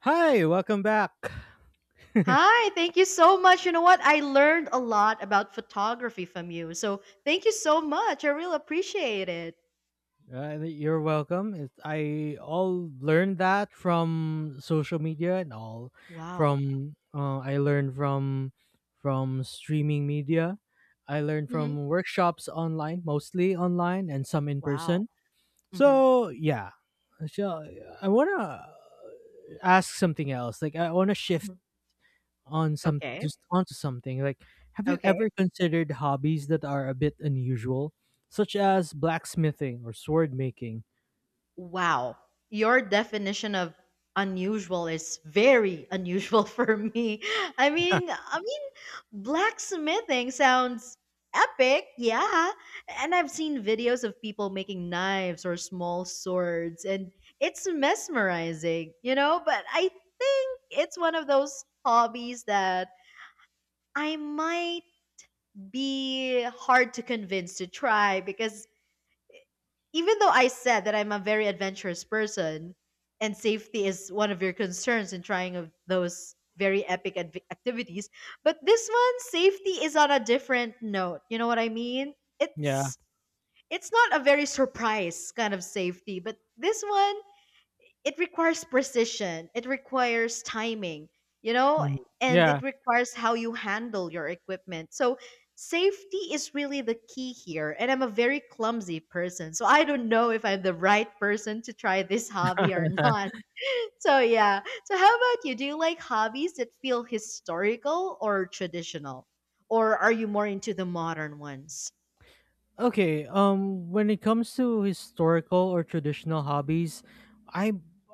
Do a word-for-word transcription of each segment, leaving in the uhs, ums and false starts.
Hi, welcome back. Hi, thank you so much. You know what? I learned a lot about photography from you. So thank you so much. I really appreciate it. Uh, you're welcome. It, I all learned that from social media and all Wow. from uh, I learned from from streaming media. I learned Hmm. from workshops online, mostly online and some in Wow. person. Hmm. So yeah, so I wanna ask something else. Like I wanna shift Hmm. on some Okay. just onto something. Like, have you Okay. ever considered hobbies that are a bit unusual, such as blacksmithing or sword making? Wow. Your definition of unusual is very unusual for me. I mean, I mean, blacksmithing sounds epic, yeah. And I've seen videos of people making knives or small swords, and it's mesmerizing, you know, but I think it's one of those hobbies that I might be hard to convince to try because even though I said that I'm a very adventurous person and safety is one of your concerns in trying of those very epic adv- activities, but this one safety is on a different note. You know what I mean? Yeah. It's it's not a very surprise kind of safety, but this one it requires precision, it requires timing, you know, Mhm. and Yeah. it requires how you handle your equipment. So safety is really the key here, and I'm a very clumsy person, so I don't know if I'm the right person to try this hobby or not. So yeah, so how about you? Do you like hobbies that feel historical or traditional, or are you more into the modern ones? Okay. Um, when it comes to historical or traditional hobbies, I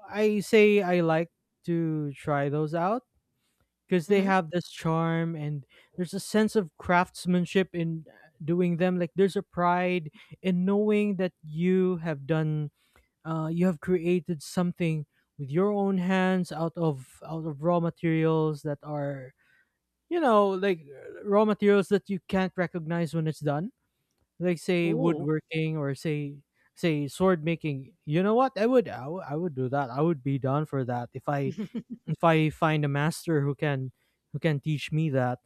I say I like to try those out because they Mm-hmm. have this charm and there's a sense of craftsmanship in doing them. Like there's a pride in knowing that you have done uh, you have created something with your own hands out of out of raw materials that are you know like uh, raw materials that you can't recognize when it's done, like say Ooh. woodworking or say say sword making. You know what, i would I wou- I would do that. I would be down for that if i if I find a master who can who can teach me that,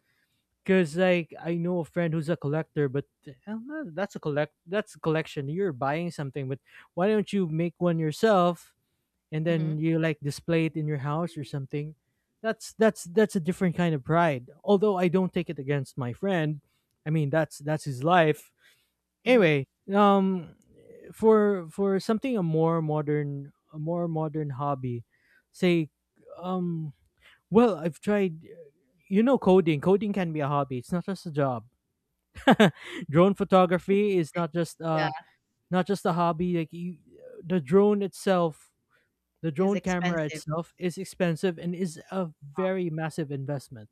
because like I know a friend who's a collector, but uh, that's a collect that's a collection, you're buying something, but why don't you make one yourself and Mm-hmm. then you like display it in your house or something? That's that's that's a different kind of pride, although I don't take it against my friend. I mean, that's that's his life Mm-hmm. anyway. um for for something, a more modern, a more modern hobby, say, um well, I've tried, you know, coding. Coding can be a hobby, it's not just a job. Drone photography is not just Yeah. uh not just a hobby. Like, you, the drone itself, the Is drone camera expensive, itself is expensive and is a very massive investment.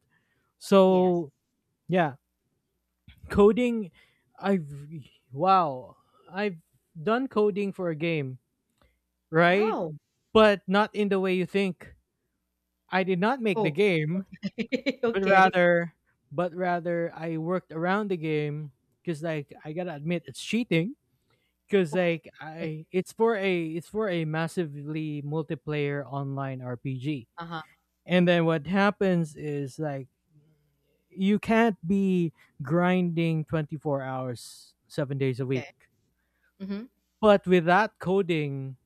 yes. So, yeah, coding, I've wow, I've done coding for a game, right? Wow. But not in the way you think. I did not make the Oh. game, but Okay. rather but rather I worked around the game, cuz like I got to admit it's cheating, cuz Oh, like okay. I it's for a it's for a massively multiplayer online R P G. Uh-huh. And then what happens is, like, you can't be grinding twenty-four hours, seven days a week. Okay. Mhm. But with that coding,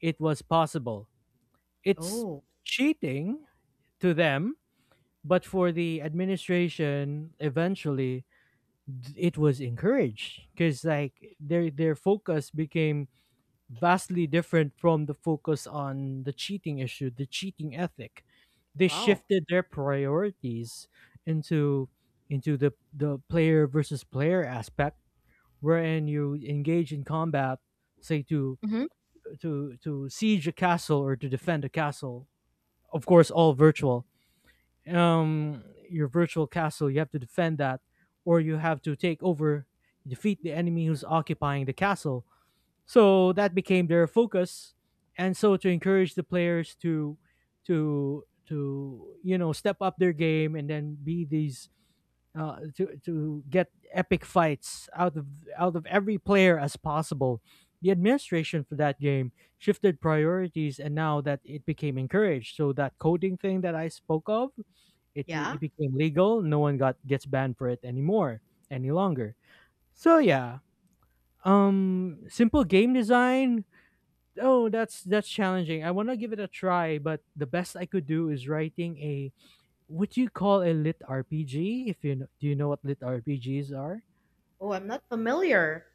it was possible. It's Oh, cheating to them, but for the administration, eventually d- it was encouraged because like their their focus became vastly different from the focus on the cheating issue, the cheating ethic. They wow. shifted their priorities into into the the player versus player aspect, wherein you engage in combat, say to Mhm. to to siege a castle or to defend a castle. Of course, all virtual. Um, your virtual castle, you have to defend that, or you have to take over, defeat the enemy who's occupying the castle, so that became their focus. And so to encourage the players to to to, you know, step up their game and then be these uh, to to get epic fights out of out of every player as possible. The administration for that game shifted priorities, and now that it became encouraged, so that coding thing that I spoke of, it Yeah. it became legal. No one got gets banned for it anymore, any longer. So yeah, um, simple game design, oh, that's that's challenging. I want to give it a try, but the best I could do is writing a what you call a lit R P G. If you know, do you know what lit R P Gs are? Oh, I'm not familiar.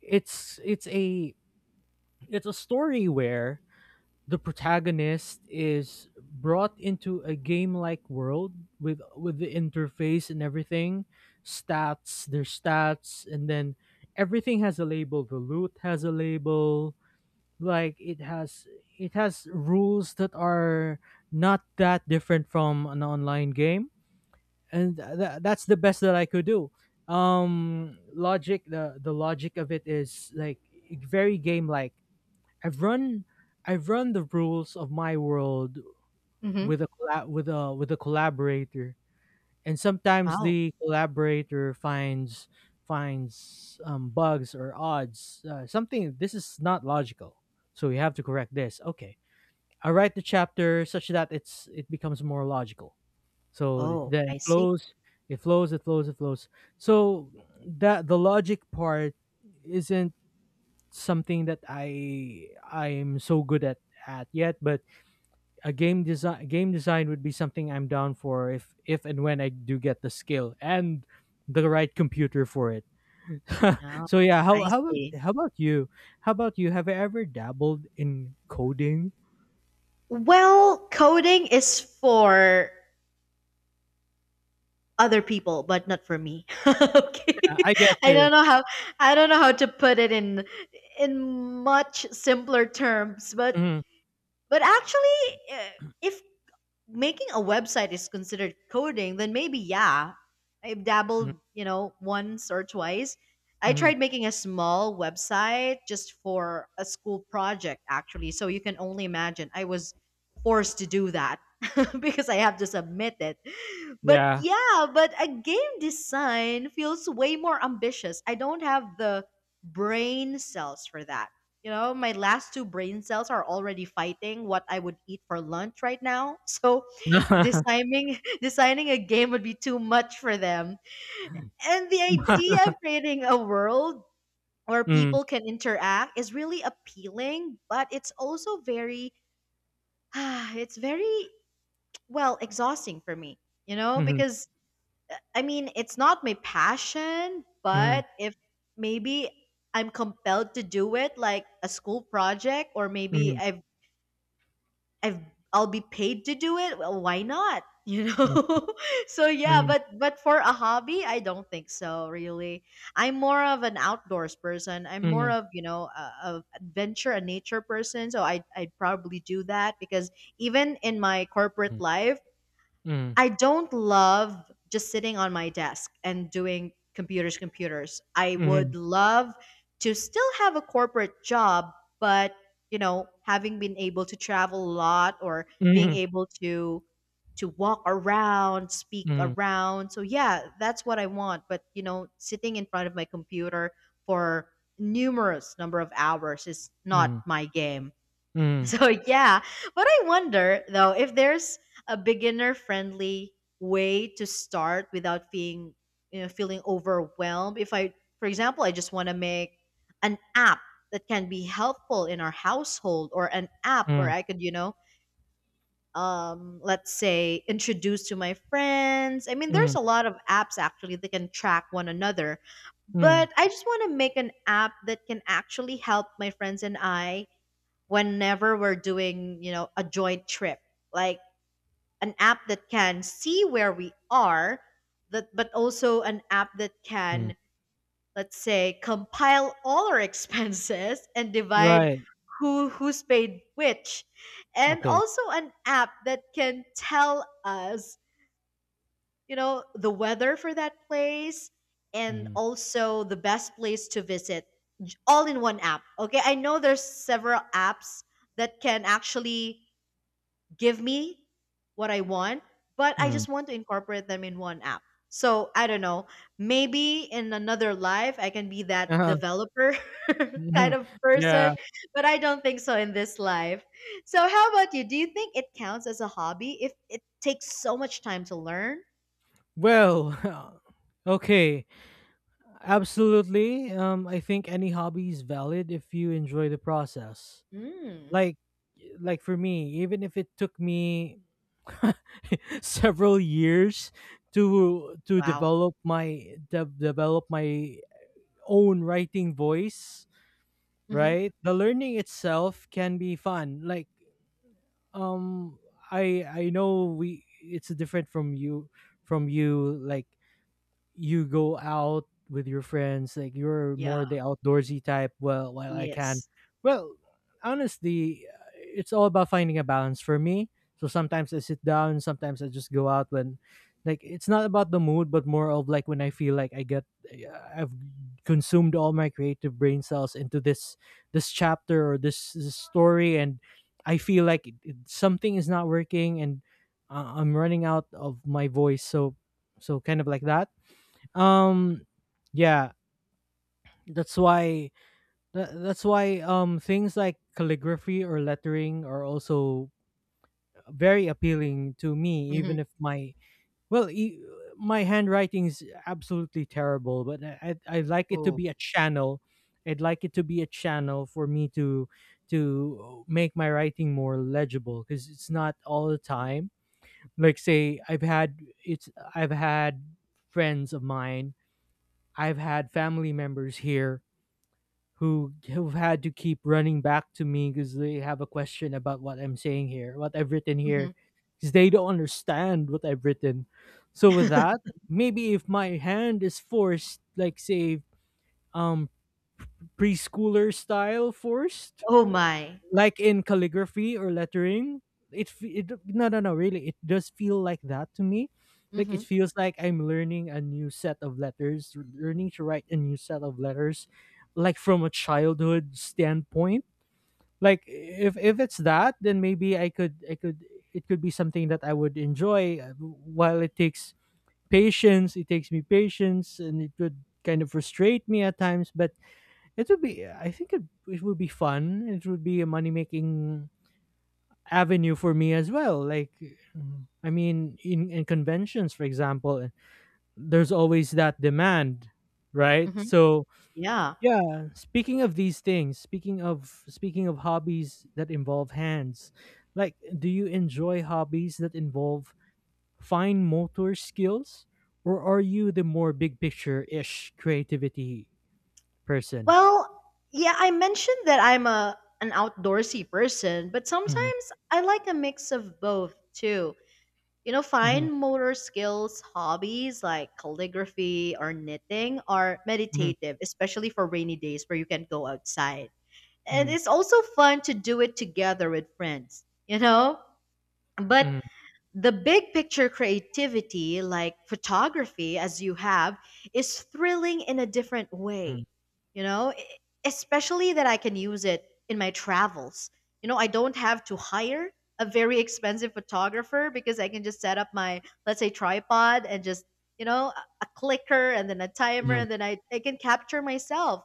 It's it's a it's a story where the protagonist is brought into a game-like world with with the interface and everything, stats, their stats, and then everything has a label. The loot has a label, like it has it has rules that are not that different from an online game. And th- th- that's the best that I could do. Um logic, the the logic of it is, like, e-, very game like. i've run I've run the rules of my world Mhm. with a colla- with a with a collaborator, and sometimes Wow. the collaborator finds finds um, bugs or odds, uh, something this is not logical, so we have to correct this. Okay, I write the chapter such that it's it becomes more logical. So th- Oh, then it I see flows, it flows, it flows, it flows. So that the logic part isn't something that I I'm so good at at yet, but a game design game design would be something I'm down for if if and when I do get the skill and the right computer for it. now. So yeah, how I how about see. how about you? How about you? Have you ever dabbled in coding? Well, coding is for other people, but not for me. Okay. Uh, I get I you. don't know how I don't know how to put it in in much simpler terms, but Mhm. but actually, uh, if making a website is considered coding, then maybe yeah. I've Mhm. dabbled, you know, once or twice. I Mhm. tried making a small website just for a school project actually. So you can only imagine I was forced to do that because I have to submit it. But Yeah. yeah, but a game design feels way more ambitious. I don't have the brain cells for that. You know, my last two brain cells are already fighting what I would eat for lunch right now. So designing designing a game would be too much for them. And the idea of creating a world where Mm. people can interact is really appealing, but it's also very it's very well exhausting for me, you know, Mhm. because I mean, it's not my passion, but Mhm. if maybe I'm compelled to do it, like a school project, or maybe Mhm. I've I've I'll be paid to do it. Well, why not? You Hmm. know. So yeah, but but for a hobby, I don't think so. Really, I'm more of an outdoors person. I'm more Mhm. of, you know, a, a adventure, a nature person. So I I'd probably do that because even in my corporate Mhm. life. Mhm. I don't love just sitting on my desk and doing computers, computers. I Mhm. would Mhm. love to still have a corporate job, but you know, having been able to travel a lot or being Mhm. able to to walk around, speak Mhm. around. So yeah, that's what I want. But you know, sitting in front of my computer for numerous number of hours is not Mhm. my game. So yeah, but I wonder though if there's a beginner friendly way to start without being you know feeling overwhelmed. If I for example, I just want to make an app that can be helpful in our household or an app where Mhm. I could, you know, um let's say introduce to my friends. I mean, there's Mhm. a lot of apps actually that can track one another, Mhm. but I just want to make an app that can actually help my friends and I whenever we're doing, you know, a joint trip. Like an app that can see where we are, that but also an app that Mhm. can, let's say, compile all our expenses and divide Right. who who's paid which. And Okay. also an app that can tell us, you know, the weather for that place and Mhm. also the best place to visit, j- all in one app. Okay, I know there's several apps that can actually give me what I want, but I Mhm. just want to incorporate them in one app. So I don't know. Maybe in another life, I can be that Uh-huh. developer kind Mhm. of Yeah. person, but I don't think so in this life. So, how about you? Do you think it counts as a hobby if it takes so much time to learn? Well, okay. Absolutely. Um, I think any hobby is valid if you enjoy the process. Mm. Like, like, for me, even if it took me several years to to Wow. develop my de- develop my own writing voice, Mm-hmm. right? The learning itself can be fun. Like, um i i know, we it's different from you from you like. You go out with your friends, like you're Yeah. more the outdoorsy type. Well, while I can, Yes. well, honestly, uh, it's all about finding a balance for me. So sometimes I sit down, sometimes I just go out when, like, it's not about the mood but more of like when I feel like I get uh, I've consumed all my creative brain cells into this this chapter or this, this story, and I feel like it, it- something is not working, and uh, I'm running out of my voice. So so kind of like that. um yeah, that's why tha- that's why, um things like calligraphy or lettering are also very appealing to me, Mm-hmm. even if my, well, e- my handwriting is absolutely terrible. But I, I I like it to Oh. be a channel. I'd like it to be a channel for me to to make my writing more legible, because it's not all the time. Like, say, i've had it's I've had friends of mine, I've had family members here who who've had to keep running back to me because they have a question about what I'm saying here, what I've written Mm-hmm. here, because they don't understand what I've written. So with that, maybe if my hand is forced, like, say, um preschooler style forced, Oh my. like in calligraphy or lettering, it, fe- it, no no no, really, it does feel like that to me. Like, Mm-hmm. it feels like I'm learning a new set of letters, learning to write a new set of letters, like from a childhood standpoint. Like, if if it's that, then maybe i could I could, it could be something that I would enjoy, uh, while it takes patience, it takes me patience, and it would kind of frustrate me at times. But it would be, I think, it, it would be fun. It would be a money making avenue for me as well. Like, mm, I mean, in, in conventions, for example, there's always that demand, right? Mm-hmm. So, Yeah. yeah. Speaking of these things, speaking of speaking of hobbies that involve hands, like, do you enjoy hobbies that involve fine motor skills, or are you the more big picture ish creativity person? Well, yeah, I mentioned that I'm a an outdoorsy person, but Mhm. sometimes I like a mix of both too. You know, Mhm. fine motor skills, hobbies like calligraphy or knitting are Mhm. meditative, especially for rainy days where you can go outside. And Mhm. it's also fun to do it together with friends, you know? But Mhm. the big picture creativity, like photography, as you have, is thrilling in a different way. You know, E- especially that I can use it in my travels. You know, I don't have to hire a very expensive photographer because I can just set up my, let's say, tripod and just, you know, a a clicker and then a timer, Mhm. and then I, I can capture myself.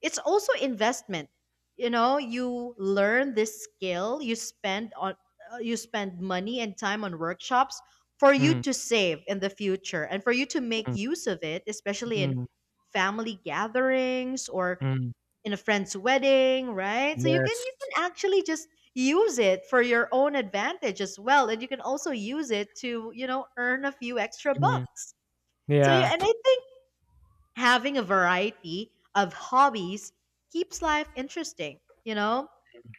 It's also investment, you know, you learn this skill, you spend on uh, you spend money and time on workshops for you Mhm. to save in the future and for you to make Mhm. use of it, especially in Mhm. family gatherings or Mhm. in a friend's wedding, right? So you can Yes. you can actually just use it for your own advantage as well, and you can also use it to, you know, earn a few extra Mhm. bucks. So yeah, Yeah. and I think having a variety of hobbies keeps life interesting, you know?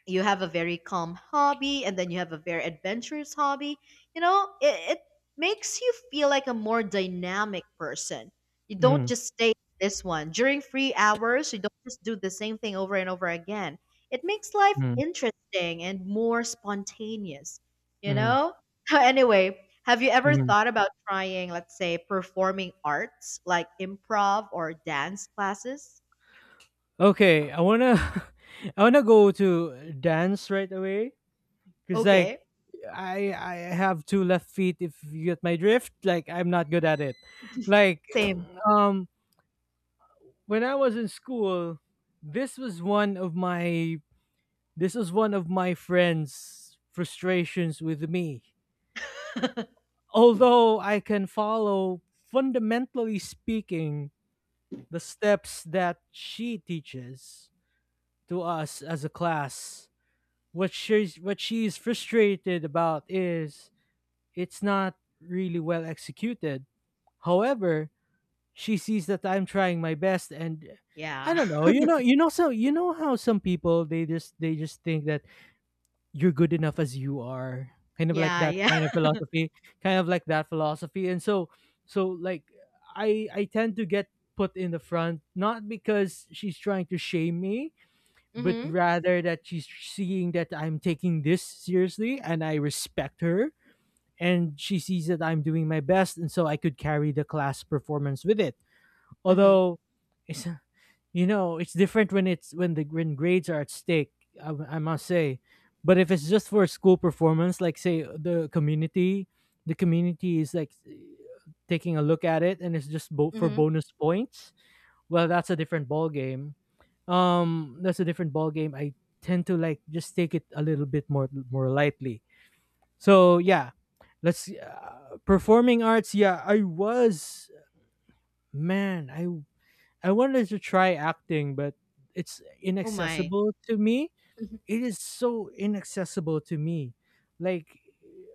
You have a very calm hobby and then you have a very adventurous hobby. You know, it, it makes you feel like a more dynamic person. You don't Mhm. just stay in this one during free hours, you don't just do the same thing over and over again. It makes life Mhm. interesting and more spontaneous, you Mhm. know. Anyway, have you ever Mhm. thought about trying, let's say, performing arts like improv or dance classes? Okay, I wanna I wanna go to dance right away because like Okay, I I have two left feet. If you get my drift, like, I'm not good at it. Like, same. um, when I was in school, this was one of my this was one of my friends' frustrations with me. Although I can follow, fundamentally speaking, the steps that she teaches to us as a class. What she's what she's frustrated about is it's not really well executed. However, she sees that I'm trying my best, and I Yeah. don't know. You know, you know, so you know how some people, they just they just think that you're good enough as you are. Kind of like Yeah, that yeah. kind of philosophy, kind of like that philosophy. And so so like I I tend to get put in the front, not because she's trying to shame me, but Mhm. rather that she's seeing that I'm taking this seriously and I respect her. And she sees that I'm doing my best, and so I could carry the class performance with it. Mhm. Although, it's, you know, it's different when it's when the when grades are at stake. I, I must say, but if it's just for school performance, like say the community, the community is like taking a look at it, and it's just bo- for Mhm. bonus points. Well, that's a different ball game, um that's a different ball game i tend to like just take it a little bit more more lightly. So yeah, let's uh, performing arts. Yeah, I was man I I wanted to try acting, but it's Oh my. inaccessible to me. Mhm. It is so inaccessible to me. Like,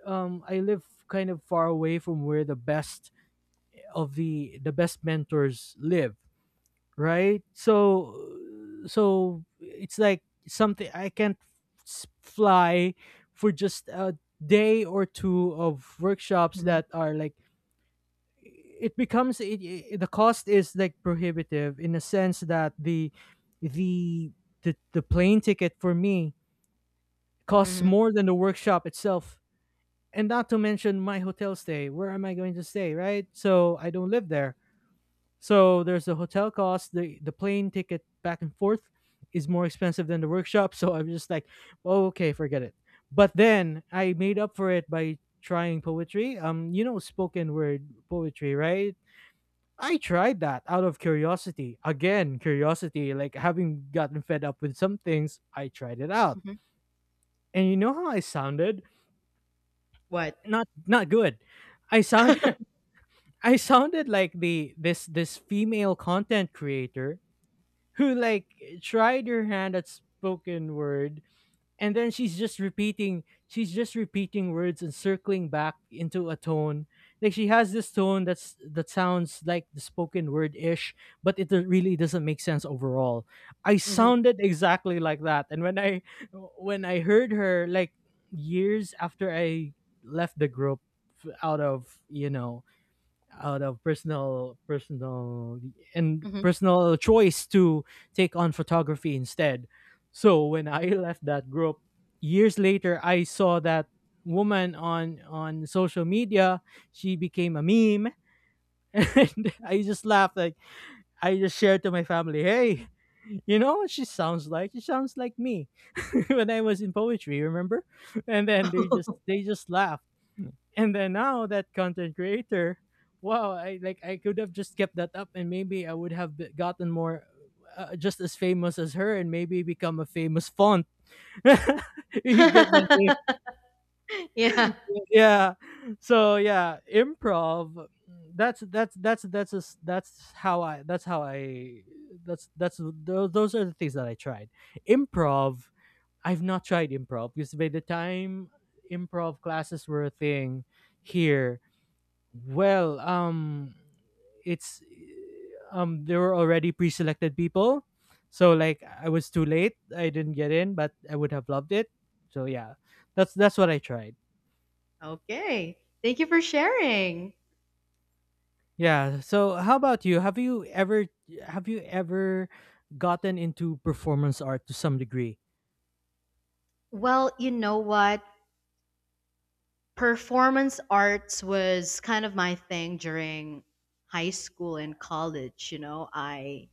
um I live kind of far away from where the best of the the best mentors live, right? So, so it's like something I can't s- fly for just a day or two of workshops Mhm. that are like, it becomes, it, it, the cost is like prohibitive, in a sense that the the the, the plane ticket for me costs Mhm. more than the workshop itself. And not to mention my hotel stay. Where am I going to stay, right? So I don't live there. So there's the hotel cost, the the plane ticket back and forth is more expensive than the workshop. So I'm just like, oh, okay, forget it. But then I made up for it by trying poetry. Um, you know, spoken word poetry, right? I tried that out of curiosity. Again, curiosity, like, having gotten fed up with some things, I tried it out. Mhm. And you know how I sounded? What? Not not good. I sound I sounded like the, this this female content creator who, like, tried her hand at spoken word, and then she's just repeating she's just repeating words and circling back into a tone. Like, she has this tone that's that sounds like the spoken word ish, but it do- really doesn't make sense overall. I Mhm. sounded exactly like that. And when i when i heard her, like, years after I left the group out of you know out of personal personal and Mhm. personal choice to take on photography instead. So when I left that group years later, I saw that woman on, on social media. She became a meme. And I just laughed. Like, I just shared to my family, hey, you know what she sounds like? she sounds like me. When I was in poetry, remember? And then they just they just laugh. And then, now that content creator, wow, i like i could have just kept that up, and maybe I would have be- gotten more, uh, just as famous as her, and maybe become a famous font. You get my drift? Yeah. Yeah. So yeah, improv. That's that's that's that's a s that's how i that's how I that's that's tho- those are the things that I tried. Improv, I've not tried improv because by the time improv classes were a thing here, well, um, it's um there were already pre-selected people, so, like, I was too late. I didn't get in, but I would have loved it. So yeah, that's that's what I tried. Okay. Thank you for sharing. Yeah. So how about you? Have you ever, have you ever gotten into performance art to some degree? Well, you know what? Performance arts was kind of my thing during high school and college, you know. I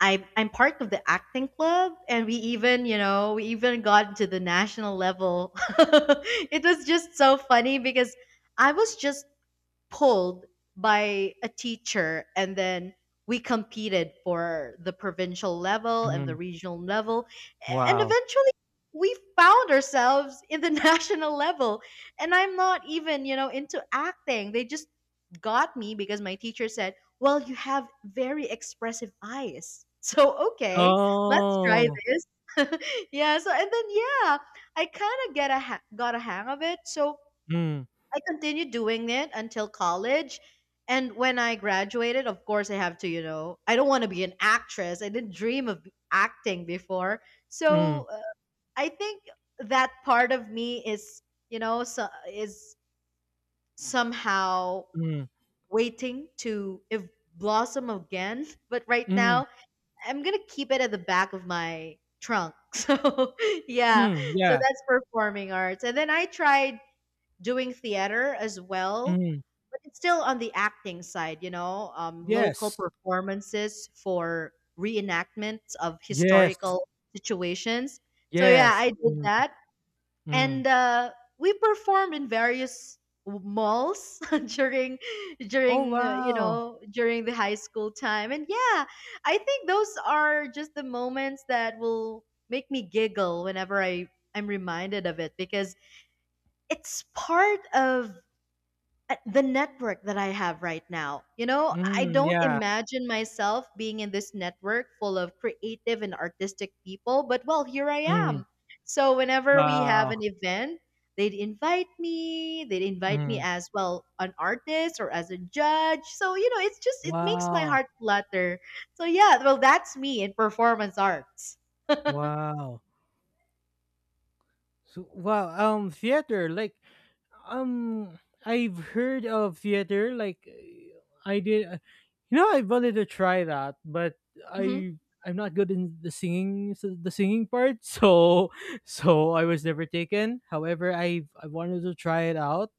I am I'm part of the acting club, and we even, you know, we even got to the national level. It was just so funny because I was just pulled by a teacher, and then we competed for the provincial level and the Mhm. regional level, and Wow. eventually we found ourselves in the national level. And I'm not even, you know, into acting. They just got me because my teacher said, well, you have very expressive eyes. So okay, let's try Oh. this. Yeah, so and then yeah, I kind of get a ha- got a hang of it. So Mm, I continued doing it until college. And when I graduated, of course, I have to, you know, I don't want to be an actress. I didn't dream of acting before. mm, So uh, I think that part of me is, you know, so, is somehow mm, waiting to if blossom again. But right mm, now, I'm going to keep it at the back of my trunk. So, yeah. mm, So yeah. that's performing arts. And then I tried doing theater as well, Mm, but it's still on the acting side, you know, um, local yes. performances for reenactments of Yes. historical situations. So yeah, Yes. I did Mm, that, mm. and uh, we performed in various w- malls during Oh, during uh, you wow. know, during the high school time. And yeah, I think those are just the moments that will make me giggle whenever i i'm reminded of it because it's part of uh, the network that I have right now. You know, I Mm, don't yeah. imagine myself being in this network full of creative and artistic people, but well, here I Mm, am. So whenever we have an wow. event, they'd invite me, they'd invite me Mm, as well an artist or as a judge. So, you know, it's just it makes my wow. heart flutter. So yeah, well that's me in performance arts. Wow. So, wow. Um, theater. Like, um, I've heard of theater. Like, I did, uh, You know, I wanted to try that, but Mhm. I I'm not good in the singing the singing part. So so I was never taken. However, I I wanted to try it out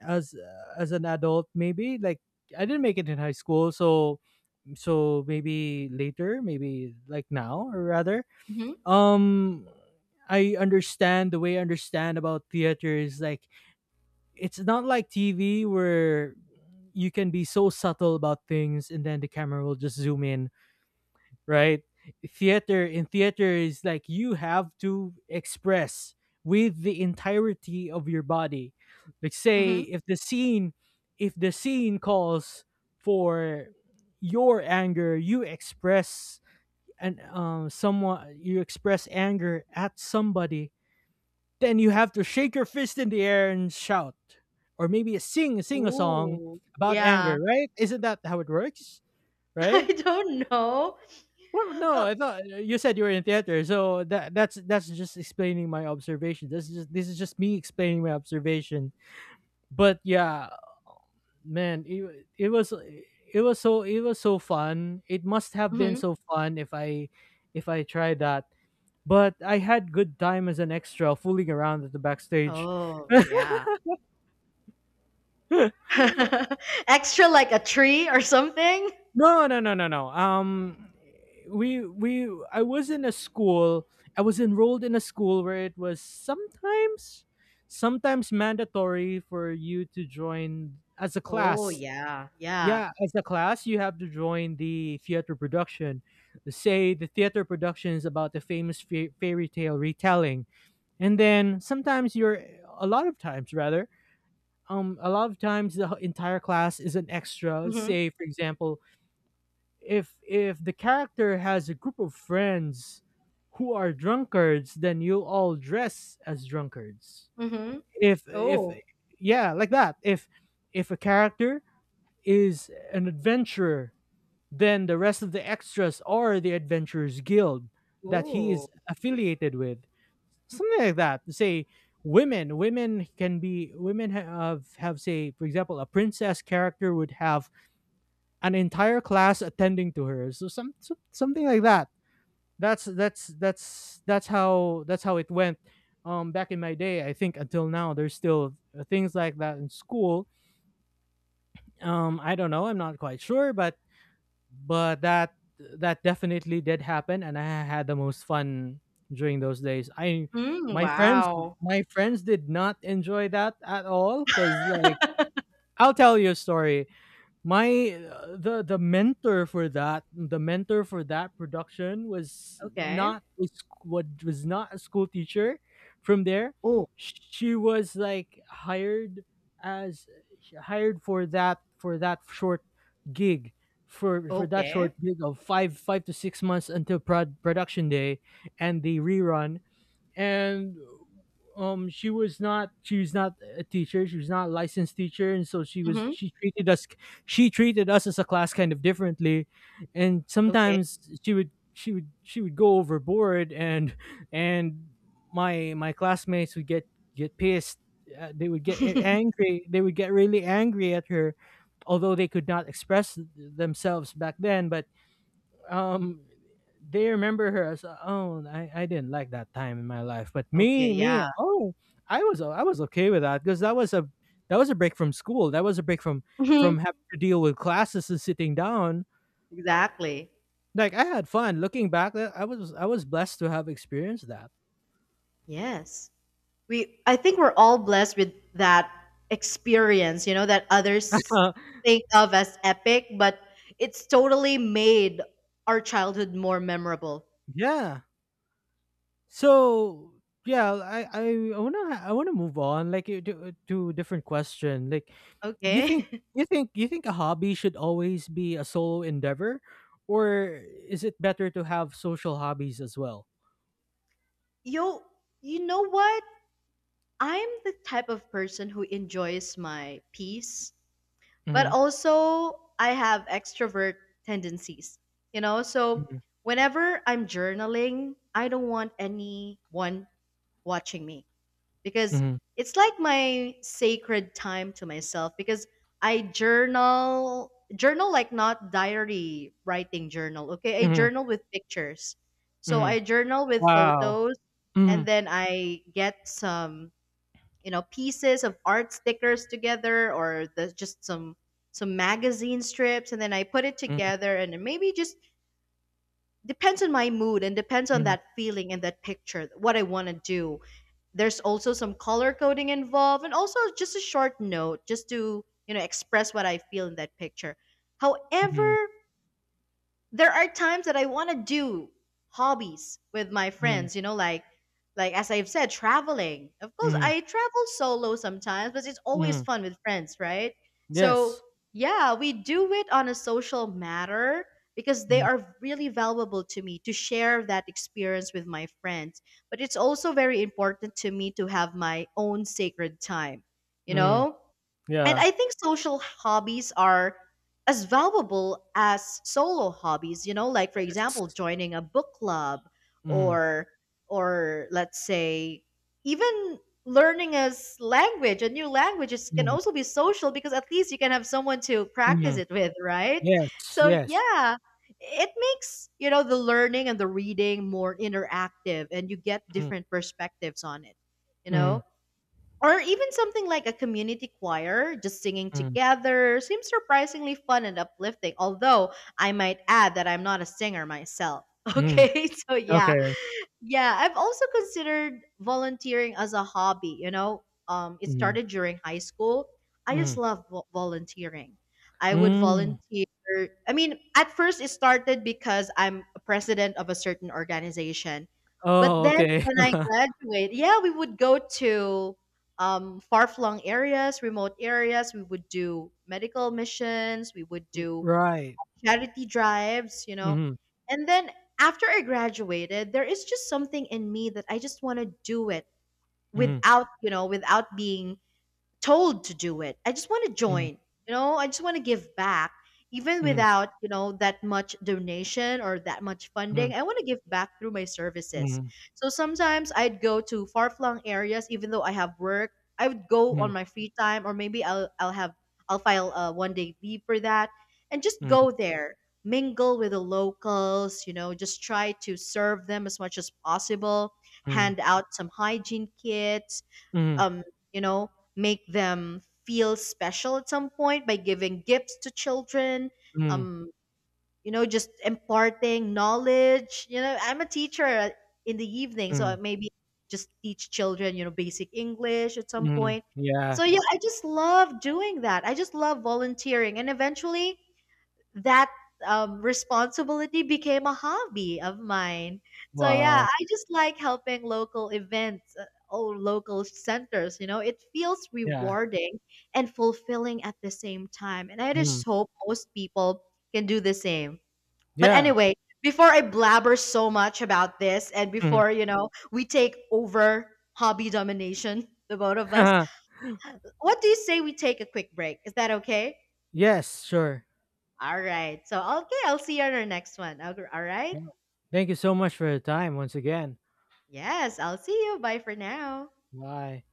as, as an adult. Maybe like I didn't make it in high school, so so maybe later, maybe like now, or rather, Mhm. um I understand the way i understand about theater is like, it's not like T V where you can be so subtle about things, and then the camera will just zoom in, right? Theater in theater is like, you have to express with the entirety of your body. Like, say, Mhm. if the scene if the scene calls for your anger, you express and um someone you express anger at somebody, then you have to shake your fist in the air and shout. Or maybe sing sing a song Ooh. about Yeah. anger, right? Isn't that how it works? I Right? don't know. Well, no, Uh, I thought, uh, you said you were in theater, so that that's that's just explaining my observation. This is just, this is just me explaining my observation. But yeah, man, it, it was it was so it was so fun. It must have been mhm. so fun if I if I tried that. But I had good time as an extra fooling around at the backstage. Oh, yeah. Extra like a tree or something? No, no, no, no, no. Um, we we I was in a school. I was enrolled in a school where it was sometimes sometimes mandatory for you to join as a Oh, class. yeah. Yeah. Yeah, as a class, you have to join the theater production. Say the theater production is about the famous fa- fairy tale retelling, and then sometimes you're a lot of times, rather. Um, a lot of times the entire class is an extra. Mm-hmm. Say, for example, if if the character has a group of friends who are drunkards, then you all dress as drunkards. Mm-hmm. If if Oh, yeah like that. If if a character is an adventurer, then the rest of the extras are the adventurers guild that he is oh. affiliated with, something like that. Say women women can be women, ha- have have Say, for example, a princess character would have an entire class attending to her. So some, so- something like that. That's that's that's that's how that's how it went. Um, back in my day, I think until now there's still, uh, things like that in school. Um, I don't know. I'm not quite sure, but, but that that definitely did happen, and I had the most fun during those days. I Mm, my friends wow. my friends did not enjoy that at all, because, like, I'll tell you a story. My uh, the the mentor for that the mentor for that production was Okay. not a sc- what was not a school teacher from there. Oh, She was, like, hired as hired for that for that short gig for for that okay. short gig of five five to six months, until prod, production day and the rerun. And, um she was not, she was not a teacher, she was not a licensed teacher. And so she was Mm-hmm. she treated us she treated us as a class kind of differently. And Okay. sometimes she would she would she would go overboard, and and my my classmates would get get pissed. uh, they would get a- angry they would get really angry at her, although they could not express th- themselves back then. But, um they remember her as, oh, I, I didn't like that time in my life. But, Okay. me Yeah. me oh, i was i was okay with that, because that was a that was a break from school. That was a break from, Hmm. from having to deal with classes and sitting down. Exactly. Like, I had fun looking back. uh, i was i was blessed to have experienced that. Yes. We I think we're all blessed with that experience, you know, that others uh, think of as epic, but it's totally made our childhood more memorable. yeah so yeah, i i want to i want to move on, like, uh, to, uh, to a different question. Like, You think Okay. you think you think a hobby should always be a solo endeavor, or is it better to have social hobbies as well? Yo, you know what? I'm the type of person who enjoys my peace, but Mm-hmm. also I have extrovert tendencies. You know, so Mm-hmm. whenever I'm journaling, I don't want anyone watching me, because it's like my sacred time to myself, because I journal journal, like not diary writing journal, okay? I Mm-hmm. journal with pictures, so Mm-hmm. I journal with Wow. photos, Mm-hmm. and then I get some you know pieces of art, stickers together, or the, just some some magazine strips, and then I put it Mm-hmm. together, and then maybe just depends on my mood and depends on that feeling and that picture, what I want to do. There's also some color coding involved and also just a short note just to, you know, express what I feel in that picture. Mm-hmm. However, there are times that I want to do hobbies with my friends, you know, like like as I've said, traveling. Of course, Mm-hmm. I travel solo sometimes, but it's always Mm-hmm. fun with friends, right? So, Yes. yeah, we do it on a social matter because they are really valuable to me to share that experience with my friends. But it's also very important to me to have my own sacred time, you Mm-hmm. know? And Yeah. I think social hobbies are as valuable as solo hobbies, you know, like for example, Yes. joining a book club, Mm-hmm. or or let's say even learning a s- language, a new language is, can also be social because at least you can have someone to practice Mm-hmm. it with, right? Yes. So Yes. yeah, it makes, you know, the learning and the reading more interactive, and you get different perspectives on it, you Mm-hmm. know? Or even something like a community choir, just singing together, seems surprisingly fun and uplifting. Although I might add that I'm not a singer myself. Mm-hmm. Okay, so yeah, Okay. yeah, I've also considered volunteering as a hobby. You know, um, it Mm-hmm. started during high school. I just Mm-hmm. love vo- volunteering. I would Mm-hmm. volunteer. I mean, at first it started because I'm a president of a certain organization, but Oh, then okay. when I graduated, yeah, we would go to um, far-flung areas, remote areas. We would do medical missions. We would do Right. charity drives, you know. Mm-hmm. And then after I graduated, there is just something in me that I just want to do it Mm-hmm. without, you know, without being told to do it. I just want to Mm-hmm. join. You know, I just want to give back, even Mm-hmm. without, you know, that much donation or that much funding. I want to give back through my services. Mhm, So sometimes I'd go to far flung areas, even though I have work. I would go on mhm, my free time, or maybe I'll I'll have I'll file a one day leave for that, and just mm, go there, mingle with the locals. You know, just try to serve them as much as possible. mm, Hand out some hygiene kits mm, um, you know, make them feel special at some point by giving gifts to children, mm, um, you know, just imparting knowledge. You know, I'm a teacher, uh, in the evening, so mm, maybe just teach children, you know, basic English at some mm, point. yeah, So yeah, I just love doing that. I just love volunteering. And eventually, that, um, responsibility became a hobby of mine. So yeah, wow, I just like helping local events, uh, or local centers. You know, it feels yeah, rewarding and fulfilling at the same time. And I mm, just hope most people can do the same. But yeah, anyway, before I blabber so much about this, and mm. before, you know, we take over hobby domination, the both of us, what do you say we take a quick break? Is that okay? Yes, sure. All right. So, okay, I'll see you on our next one. All right. Yeah. Thank you so much for your time once again. Yes, I'll see you. Bye for now. Bye.